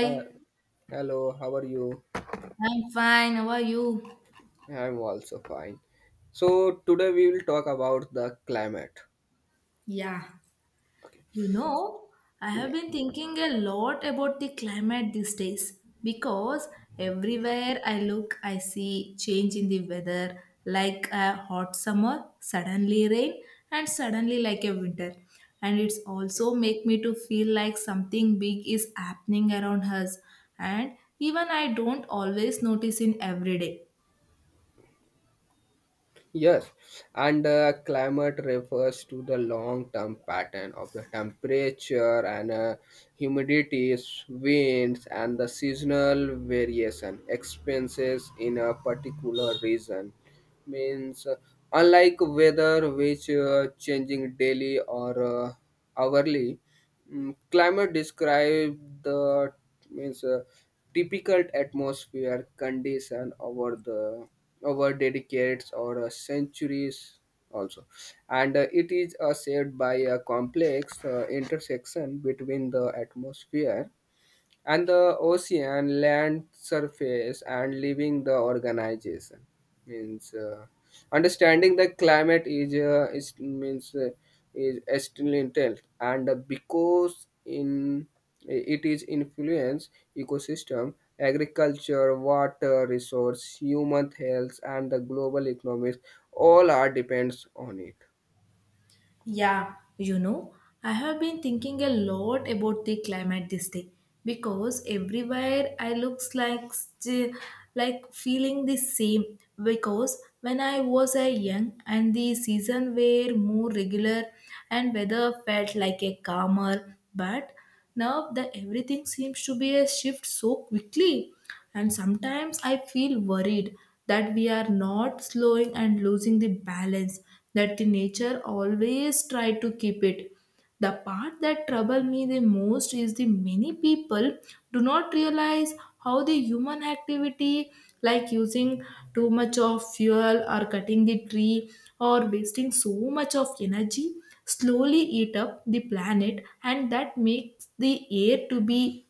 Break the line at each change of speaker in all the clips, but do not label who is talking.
Uh, Hello, how are you?
I'm fine. How are you?
I'm also fine. So today we will talk about the climate.
Yeah,
Okay.
you know, I
Yeah.
have been thinking a lot about the climate these days, because everywhere I look, I see change in the weather, like a hot summer, suddenly rain, and suddenly like a winter. And it's also make me to feel like something big is happening around us, and even I don't always notice in every day.
Yes. And climate refers to the long-term pattern of the temperature and humidities, winds, and the seasonal variation expenses in a particular region. Means, unlike weather, which changing daily or hourly. Climate describe the means typical atmosphere condition over decades or centuries also, and it is shaped by a complex intersection between the atmosphere and the ocean land surface and living the organization. Means understanding the climate is essential, and because in it is influence ecosystem, agriculture, water resource, human health, and the global economics all are depends on it.
Yeah, I have been thinking a lot about the climate this day, because everywhere I looks like like feeling the same, because when I was a young and the season were more regular, and weather felt like a calmer, but now the everything seems to be a shift so quickly, and sometimes I feel worried that we are not slowing and losing the balance that the nature always try to keep it. The part that trouble me the most is the many people do not realize how the human activity, like using too much of fuel or cutting the tree or wasting so much of energy, slowly eat up the planet, and that makes the air to be,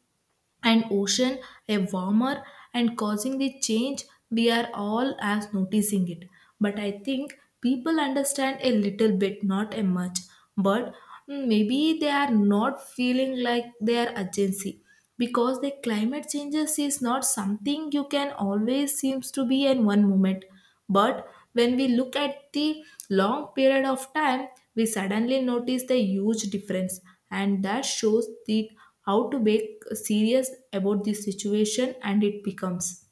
and ocean a warmer, and causing the change. We are all as noticing it, but I think people understand a little bit, not a much, but maybe they are not feeling like their urgency, because the climate changes is not something you can always seems to be in one moment. But when we look at the long period of time, we suddenly notice the huge difference, and that shows the how to be serious about this situation and it becomes.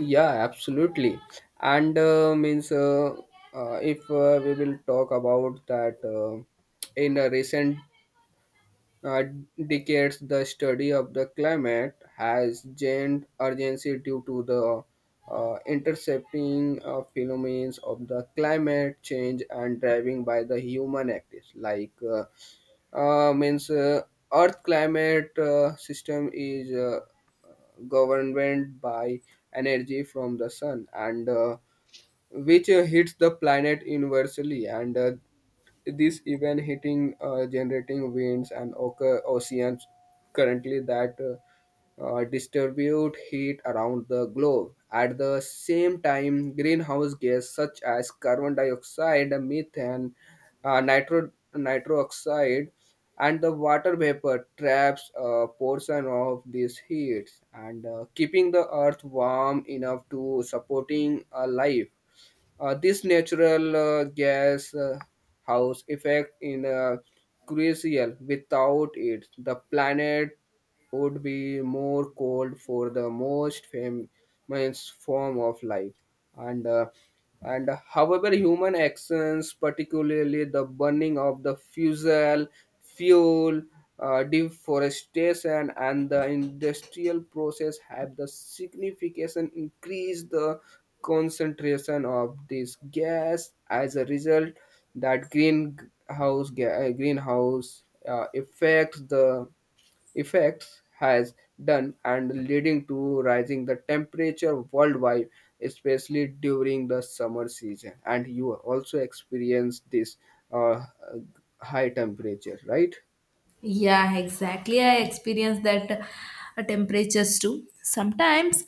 Yeah, absolutely. And means if we will talk about that in a recent uh, decades, the study of the climate has gained urgency due to the intercepting phenomena of the climate change and driving by the human activities. Like means Earth climate system is governed by energy from the sun and which hits the planet universally, and this event hitting generating winds and oceans currently that distribute heat around the globe. At the same time greenhouse gas such as carbon dioxide, methane, nitro oxide, and the water vapor traps a portion of these heats and keeping the earth warm enough to supporting life. This natural gas house effect in crucial. Without it, the planet would be more cold for the most famous form of life. And uh, and however, human actions, particularly the burning of the fuel, deforestation, and the industrial process have the significant increase the concentration of this gas. As a result, that greenhouse effects has done and leading to rising the temperature worldwide, especially during the summer season. And you also experience this uh, high temperature, right?
Yeah, exactly. I experience that temperatures too. Sometimes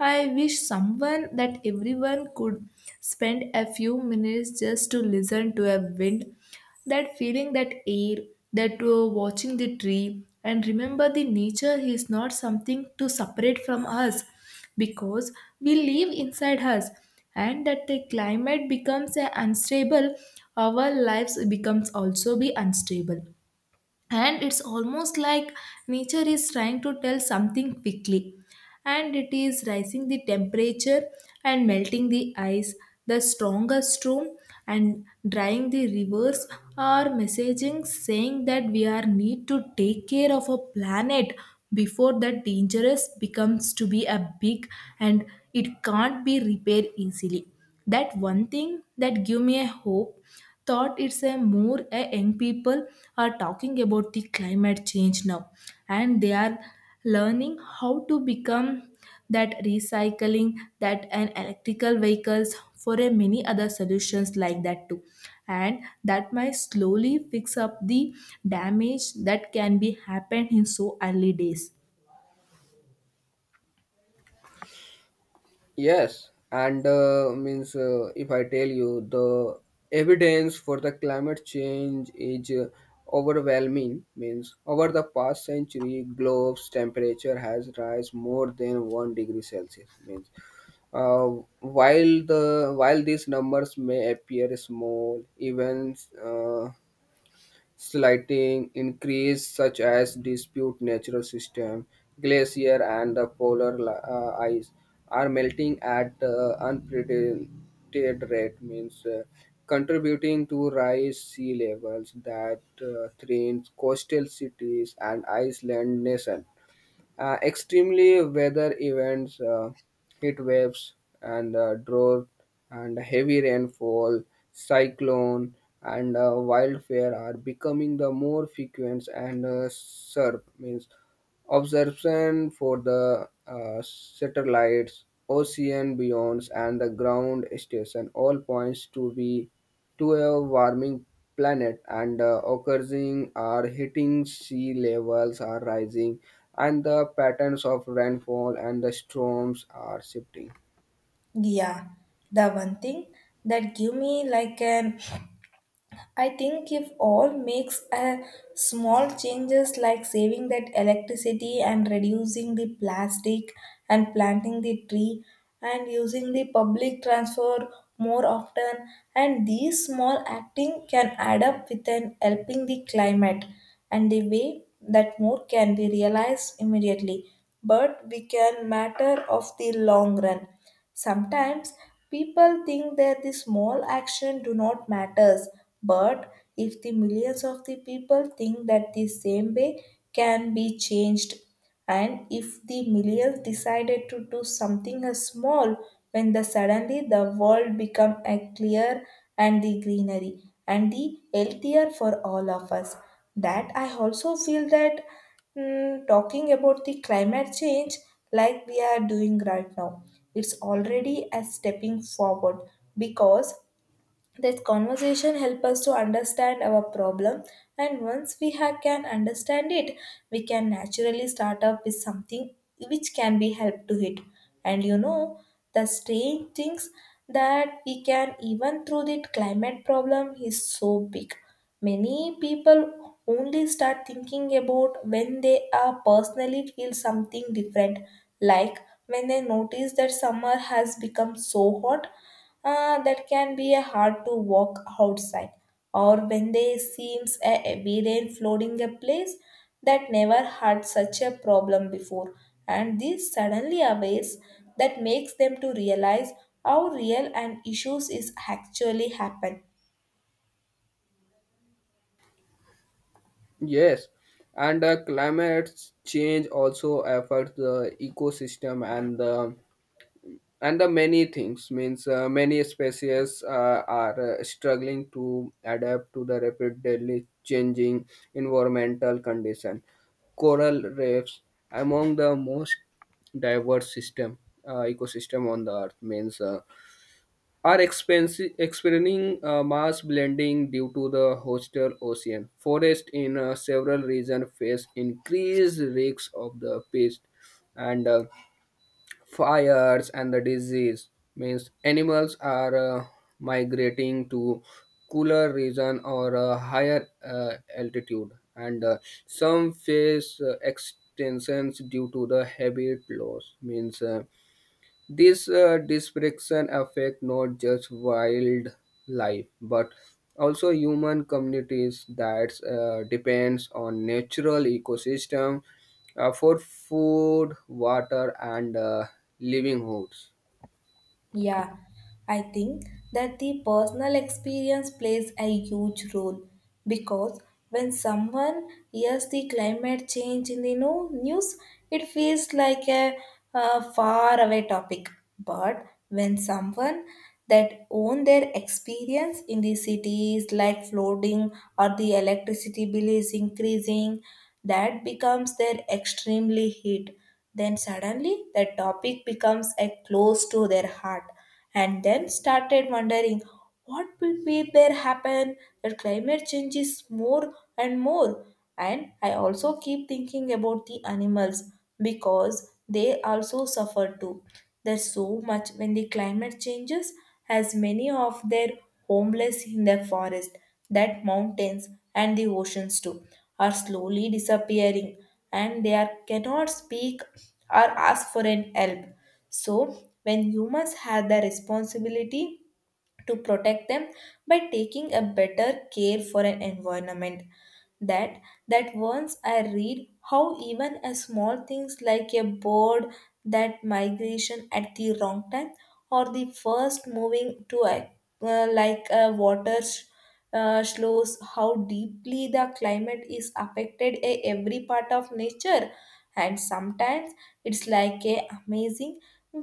I wish someone that everyone could spend a few minutes just to listen to a wind, that feeling that air, that watching the tree, and remember the nature is not something to separate from us, because we live inside us. And that the climate becomes unstable, our lives becomes also be unstable, and it's almost like nature is trying to tell something quickly, and it is rising the temperature, and melting the ice, the stronger storm, and drying the rivers are messaging saying that we are need to take care of our planet before that dangerous becomes to be a big, and it can't be repaired easily. That one thing that give me a hope thought, it's a more a young people are talking about the climate change now, and they are learning how to become, that recycling, that and electrical vehicles for a many other solutions like that too, and that might slowly fix up the damage that can be happened in so early days.
Yes, and means if I tell you the evidence for the climate change is overwhelming. Means over the past century, globe's temperature has rise more than 1 degree Celsius. Means uh, while these numbers may appear small, even uh, slighting increase such as dispute natural system, glacier and the polar ice are melting at unprecedented rate, means contributing to rise sea levels that threaten coastal cities and island nation. Extremely weather events, heat waves, and drought, and heavy rainfall, cyclone, and wildfire are becoming the more frequent and sharp. Means observation for the satellites, ocean beyonds, and the ground station all points to be to a warming planet, and occurring are hitting sea levels are rising, and the patterns of rainfall and the storms are shifting.
Yeah, the one thing that give me like an, I think if all makes a small changes, like saving that electricity and reducing the plastic and planting the tree and using the public transfer more often, and these small acting can add up with an helping the climate, and the way that more can be realized immediately, but we can matter of the long run. Sometimes people think that the small action do not matters, but if the millions of the people think that the same way can be changed, and if the millions decided to do something as small, when the suddenly the world become a clear and the greenery and the healthier for all of us. That I also feel that talking about the climate change, like we are doing right now, it's already a stepping forward, because that conversation help us to understand our problem, and once we can understand it, we can naturally start up with something which can be help to it. And you know the strange things, that we can even through the climate problem is so big. Many people only start thinking about when they are personally feel something different, like when they notice that summer has become so hot, that can be hard to walk outside, or when they seems a heavy rain flooding a place that never had such a problem before, and this suddenly awares that makes them to realize how real an issues is actually happen.
Yes, and climate change also affects the ecosystem and the many things. Means many species are struggling to adapt to the rapidly changing environmental condition. Coral reefs among the most diverse system ecosystem on the earth, means are experiencing mass blending due to the hostile ocean forest in several regions, face increased risks of the pest and fires and the disease. Means animals are migrating to cooler region or a higher altitude, and some face extinctions due to the habit loss. Means this disruption affect not just wildlife but also human communities that depends on natural ecosystem for food, water, and livelihoods.
Yeah, I think that the personal experience plays a huge role, because when someone hears the climate change in the news, it feels like a far away topic. But when someone that own their experience in the cities like flooding, or the electricity bill is increasing, that becomes their extremely hit. Then suddenly the topic becomes a close to their heart, and then started wondering what will be there happen that climate changes more and more. And I also keep thinking about the animals, because they also suffer too. There's so much when the climate changes, as many of their homeless in the forest, that mountains and the oceans too are slowly disappearing, and they are, cannot speak or ask for an help. So, when humans have the responsibility to protect them by taking a better care for an environment, that that once I read how even a small things like a bird that migration at the wrong time, or the first moving to a like a water, shows how deeply the climate is affected a every part of nature. And sometimes it's like a amazing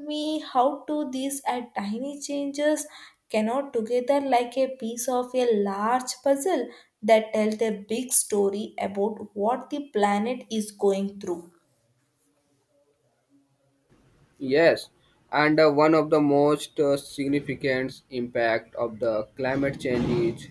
me how to these tiny changes cannot together like a piece of a large puzzle that tells a big story about what the planet is going through.
Yes, and one of the most significant impact of the climate change is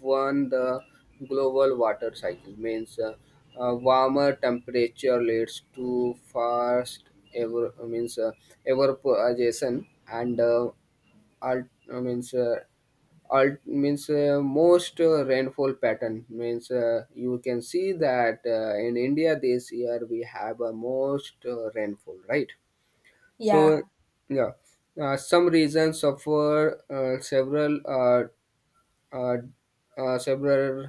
one the global water cycle. Means warmer temperature leads to fast ever, means evaporation and alt, means alt, means most rainfall pattern. Means you can see that in India this year we have a most rainfall, right? So
Yeah.
yeah, some regions suffer several uh, several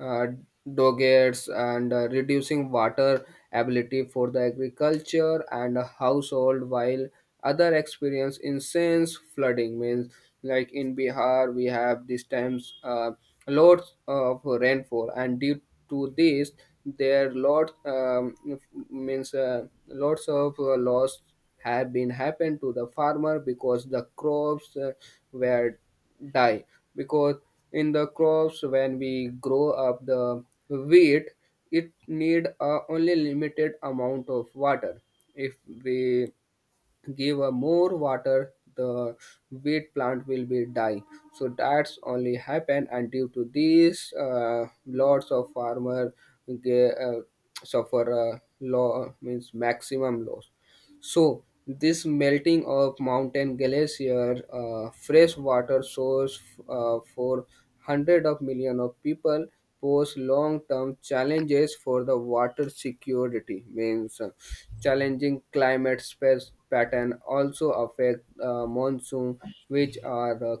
uh, dogets and reducing water ability for the agriculture and household, while other experience intense flooding. Means like in bihar we have these times lots of rainfall, and due to this there lot means lots of loss have been happened to the farmer because the crops were die. Because in the crops when we grow up the wheat, it need a only limited amount of water. If we give a more water the wheat plant will be die. So that's only happen, and due to this, lots of farmer ge- uh, suffer a law, means maximum loss. So, this melting of mountain glacier, fresh water source for hundreds of millions of people, pose long-term challenges for the water security. Means challenging climate space pattern also affect monsoon, which are the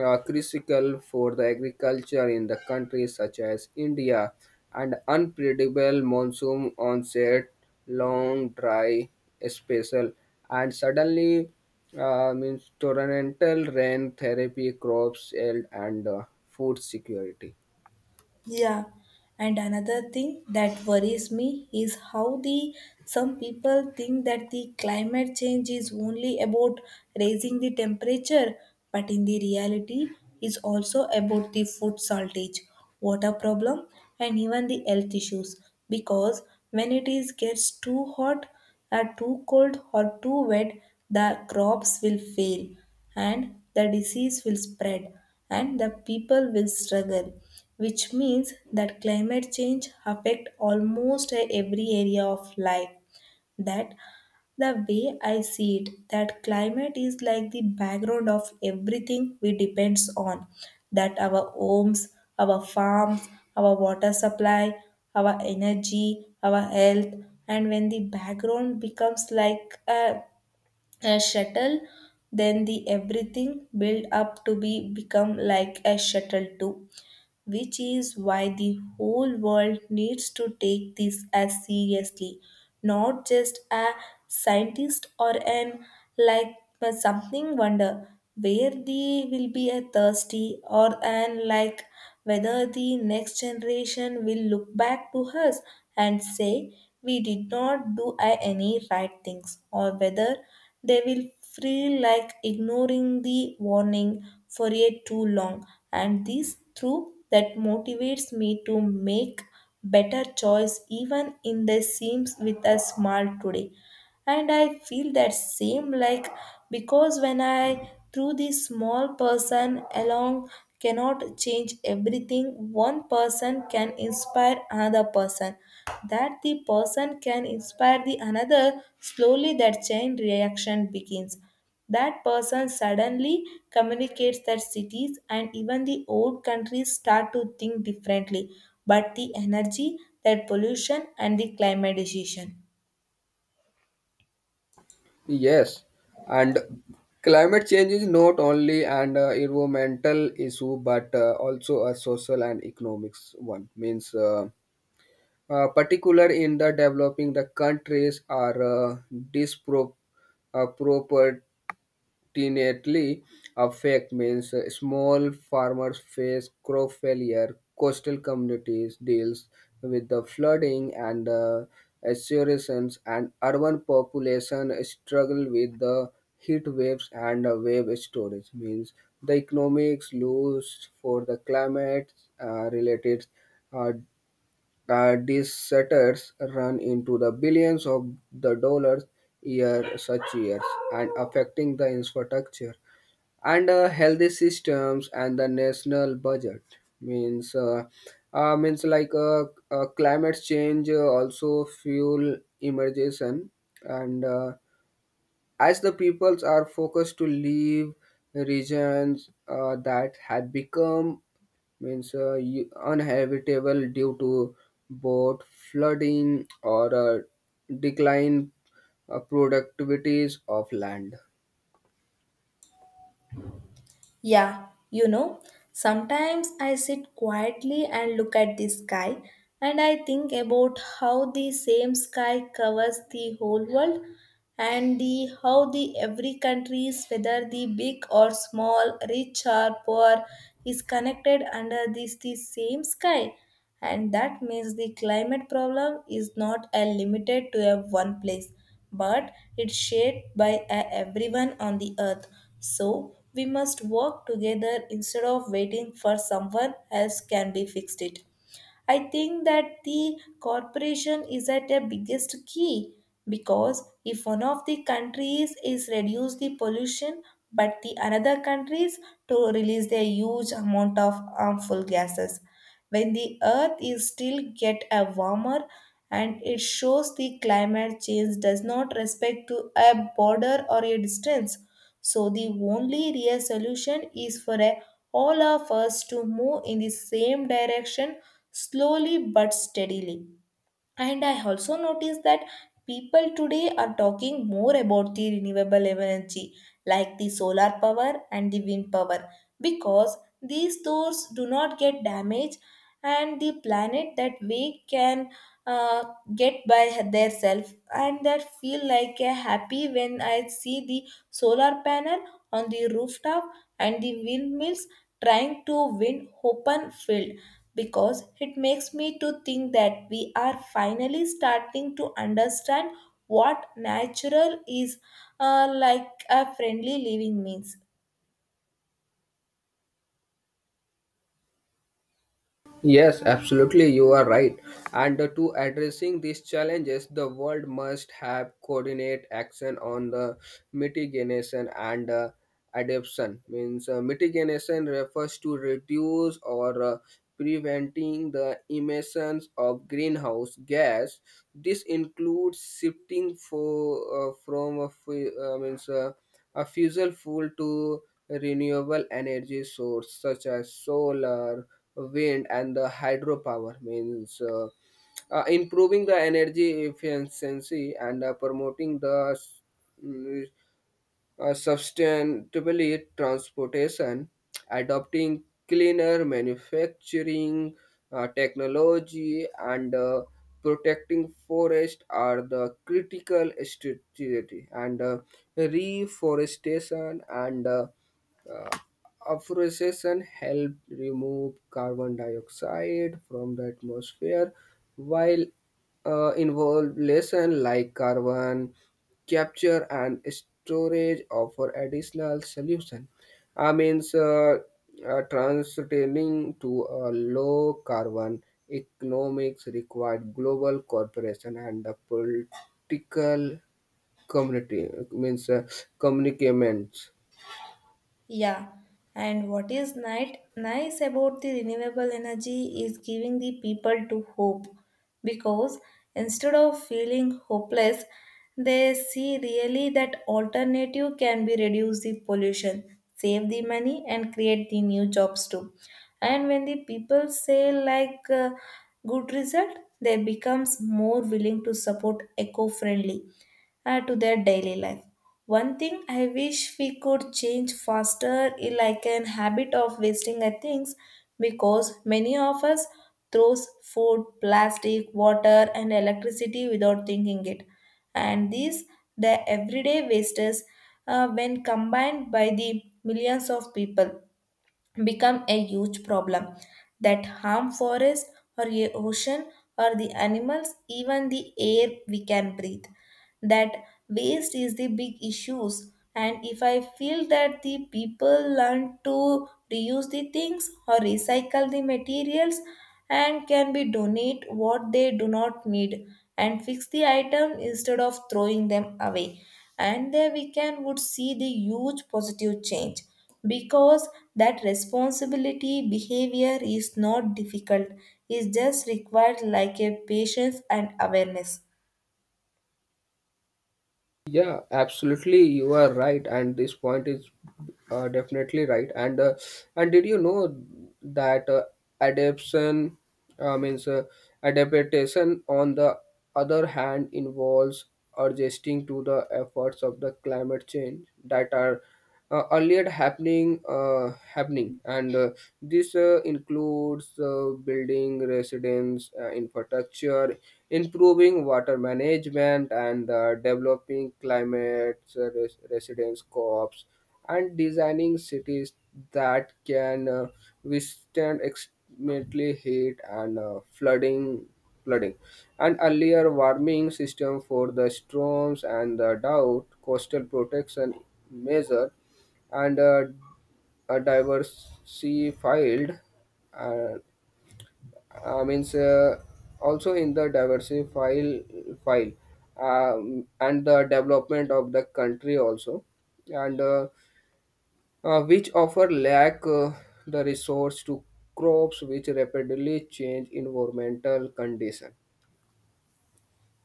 critical for the agriculture in the countries such as India, and unpredictable monsoon onset, long dry spell, and suddenly means torrential rain therapy crops yield and food security.
Yeah, and another thing that worries me is how the some people think that the climate change is only about raising the temperature, but in the reality is also about the food shortage, water problem, and even the health issues. Because when it is gets too hot, or too cold, or too wet, the crops will fail, and the disease will spread, and the people will struggle, which means that climate change affect almost every area of life. That the way I see it, that climate is like the background of everything we depends on, that our homes, our farms, our water supply, our energy, our health. And when the background becomes like a shuttle, then the everything build up to be become like a shuttle too, which is why the whole world needs to take this as seriously, not just a scientist or an like, but something wonder where they will be a thirsty or an like, whether the next generation will look back to us and say we did not do any right things, or whether they will feel like ignoring the warning for yet too long. And this through that motivates me to make better choice, even in the seams with a smile today. And I feel that same like, because when I threw this small person along cannot change everything, one person can inspire another person, that the person can inspire the another. Slowly that chain reaction begins, that person suddenly communicates that cities and even the old countries start to think differently, but the energy, that pollution, and the climate decision.
Yes, and climate change is not only an environmental issue but also a social and economics one. Means. Particular in the developing the countries are uh, disproportionately affect, means small farmers face crop failure, coastal communities deals with the flooding and assurances, and urban population struggle with the heat waves and wave storage. Means the economics lose for the climate related uh, these setters run into the billions of the dollars year such years, and affecting the infrastructure and healthy systems and the national budget. Means uh, means like uh, climate change also fuel emergence, and as the peoples are focused to leave regions that had become, means uninhabitable due to both flooding or decline productivities of land.
Yeah, sometimes I sit quietly and look at the sky, and I think about how the same sky covers the whole world, and the how the every countries, whether the big or small, rich or poor, is connected under this the same sky. And that means the climate problem is not a limited to a one place, but it's shared by a everyone on the earth, so we must work together instead of waiting for someone else can be fixed it. I think that the corporation is at a biggest key, because if one of the countries is reduce the pollution, but the another countries to release a huge amount of harmful gases, when the earth is still get a warmer. And it shows the climate change does not respect to a border or a distance, so the only real solution is for all of us to move in the same direction, slowly but steadily. And I also noticed that people today are talking more about the renewable energy, like the solar power and the wind power, because these stores do not get damaged and the planet that we can uh, get by their self. And that feel like a happy when I see the solar panel on the rooftop and the windmills trying to win open field, because it makes me to think that we are finally starting to understand what natural is, like a friendly living means.
Yes, absolutely, you are right. And to addressing these challenges, the world must have coordinate action on the mitigation and adaptation. Means mitigation refers to reduce or preventing the emissions of greenhouse gas. This includes shifting for from a fu- means a fossil fuel to renewable energy source such as solar, wind, and the hydropower. Means improving the energy efficiency and promoting the mm, sustainable transportation, adopting cleaner manufacturing technology and protecting forest are the critical strategy, and reforestation and uh, afforestation help remove carbon dioxide from the atmosphere, while involve like carbon capture and storage offer additional solution. I mean transitioning to a low carbon economics required global cooperation and the political community, means commitments.
Yeah, and what is night nice about the renewable energy is giving the people to hope, because instead of feeling hopeless, they see really that alternative can be reduce the pollution, save the money, and create the new jobs too. And when the people say like good result, they becomes more willing to support eco-friendly to their daily life. One thing I wish we could change faster is like an habit of wasting at things because many of us throws food, plastic, water and electricity without thinking it. And these the everyday wastes, when combined by the millions of people, become a huge problem that harm forests or a ocean or the animals, even the air we can breathe. That waste is the big issues, and if I feel that the people learn to reuse the things or recycle the materials and can be donate what they do not need and fix the item instead of throwing them away, and there we can would see the huge positive change, because that responsibility behavior is not difficult. It just required like a patience and awareness.
Yeah, absolutely. You are right, and this point is definitely right. And did you know that adaptation uh, means uh, adaptation on the other hand involves adjusting to the efforts of the climate change that are earlier happening happening, and this includes building residence infrastructure, improving water management, and developing climate residence co-ops, and designing cities that can withstand extremely heat and flooding, and earlier warming system for the storms and the drought coastal protection measure, and diversified uh, means also in the diversified file, and the development of the country also, and which offer lack the resource to crops which rapidly change environmental condition.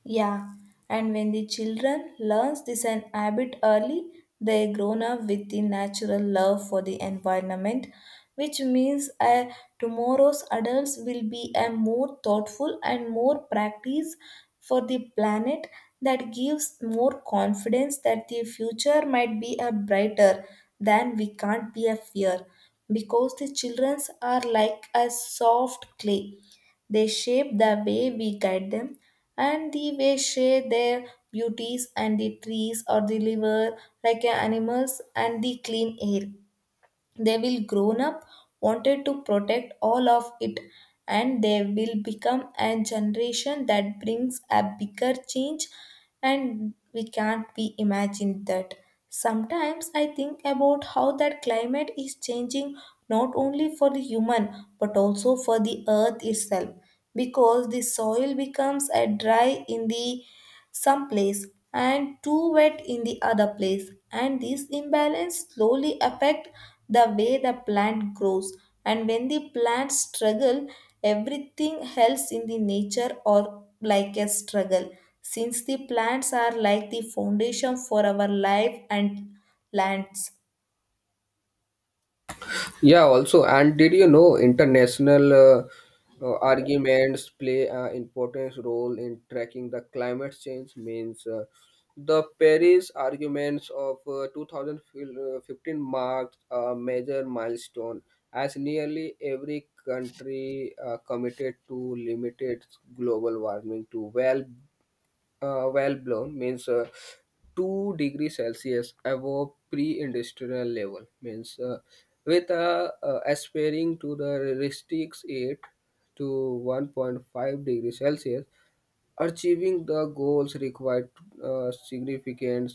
Yeah, and when the children learns this an habit early, they grown up with the natural love for the environment, which means tomorrow's adults will be a more thoughtful and more practice for the planet, that gives more confidence that the future might be a brighter than we can't be a fear, because the childrens are like a soft clay. They shape the way we guide them and the way share their beauties and the trees or the river, like animals and the clean air. They will grown up wanted to protect all of it, and they will become a generation that brings a bigger change and we can't be imagined that. Sometimes I think about how that climate is changing not only for the human but also for the earth itself, because the soil becomes a dry in the some place and too wet in the other place, and this imbalance slowly affect the way the plant grows. And when the plants struggle, everything else in the nature or like a struggle, since the plants are like the foundation for our life and lands.
Yeah, also, and did you know international arguments play an important role in tracking the climate change? Means the Paris arguments of 2015 marked a major milestone, as nearly every country committed to limited global warming to well well blown, means 2-degree celsius above pre-industrial level, means with aspiring to the restricts it to 1.5 degree celsius. Achieving the goals required significant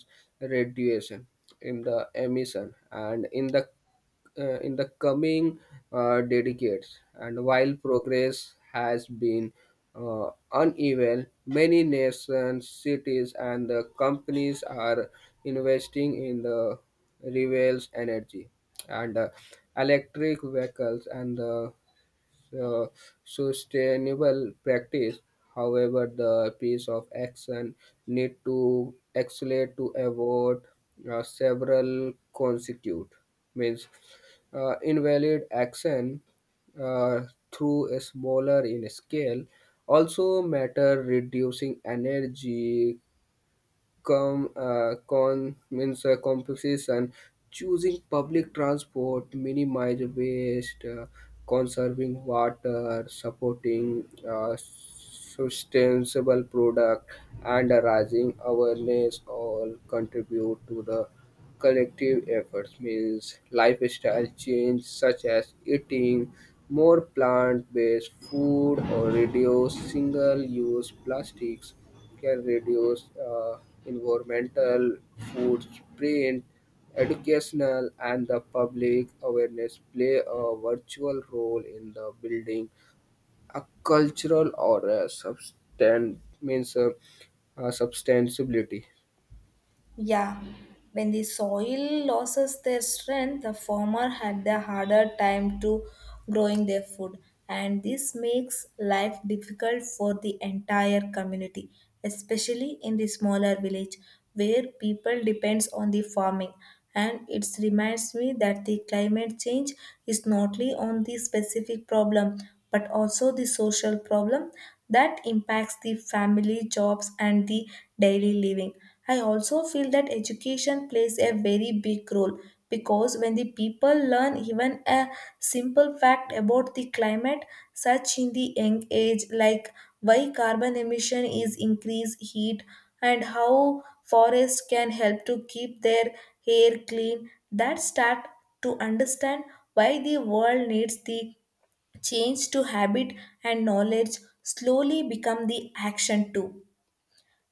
reduction in the emission and in the coming decades. And while progress has been uneven, many nations, cities, and the companies are investing in the renewable energy and electric vehicles and the uh, sustainable practice. However, the piece of action need to accelerate to avoid several consequences. Means invalid action uh, through a smaller in scale also matter, reducing energy com, con means compensation, choosing public transport, minimize waste, conserving water, supporting sustainable product, and raising awareness all contribute to the collective efforts. Means lifestyle change such as eating more plant-based food or reduce single-use plastics can reduce environmental footprint, educational, and the public awareness play a virtual role in the building a cultural or a substance, means substantiability.
Yeah, when the soil loses their strength, the farmer had the harder time to growing their food, and this makes life difficult for the entire community, especially in the smaller village where people depends on the farming. And it reminds me that the climate change is not only on the specific problem but also the social problem that impacts the family jobs and the daily living. I also feel that education plays a very big role, because when the people learn even a simple fact about the climate such in the young age, like why carbon emission is increased heat and how forests can help to keep their air clean, that start to understand why the world needs the change to habit, and knowledge slowly become the action too.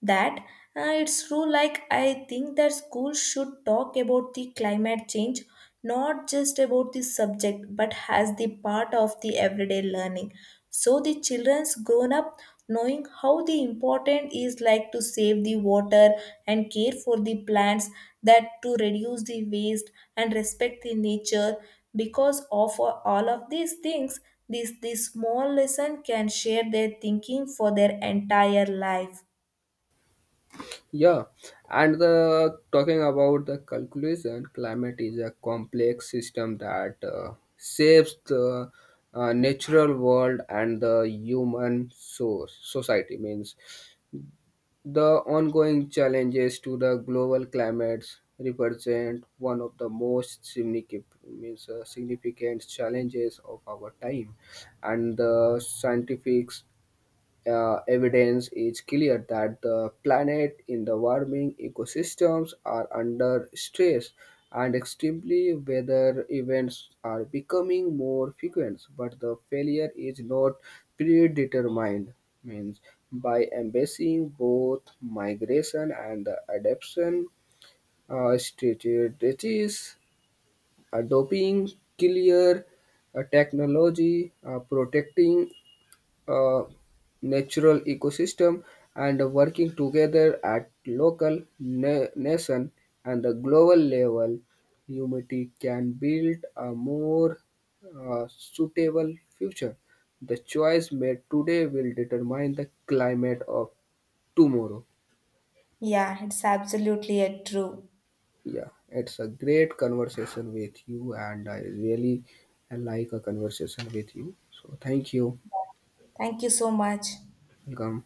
That It's true, like I think that schools should talk about the climate change, not just about the subject but as the part of the everyday learning, so the children's grown up knowing how the important is like to save the water and care for the plants, that to reduce the waste and respect the nature, because of all of these things, this small lesson can share their thinking for their entire life.
Yeah, and the talking about the calculation, climate is a complex system that shapes the natural world and the human source society. Means the ongoing challenges to the global climates represent one of the most significant, means, significant challenges of our time, and the scientific evidence is clear that the planet in the warming ecosystems are under stress and extremely weather events are becoming more frequent, but the failure is not predetermined. Means by embracing both migration and the adaptation strategies, adopting clear technology, protecting uh, natural ecosystem, and working together at local, nation, and the global level, humanity can build a more suitable future. The choice made today will determine the climate of tomorrow.
Yeah, it's absolutely true.
Yeah, it's a great conversation with you, and I really like a conversation with you. So, thank you.
Thank you so much.
Welcome.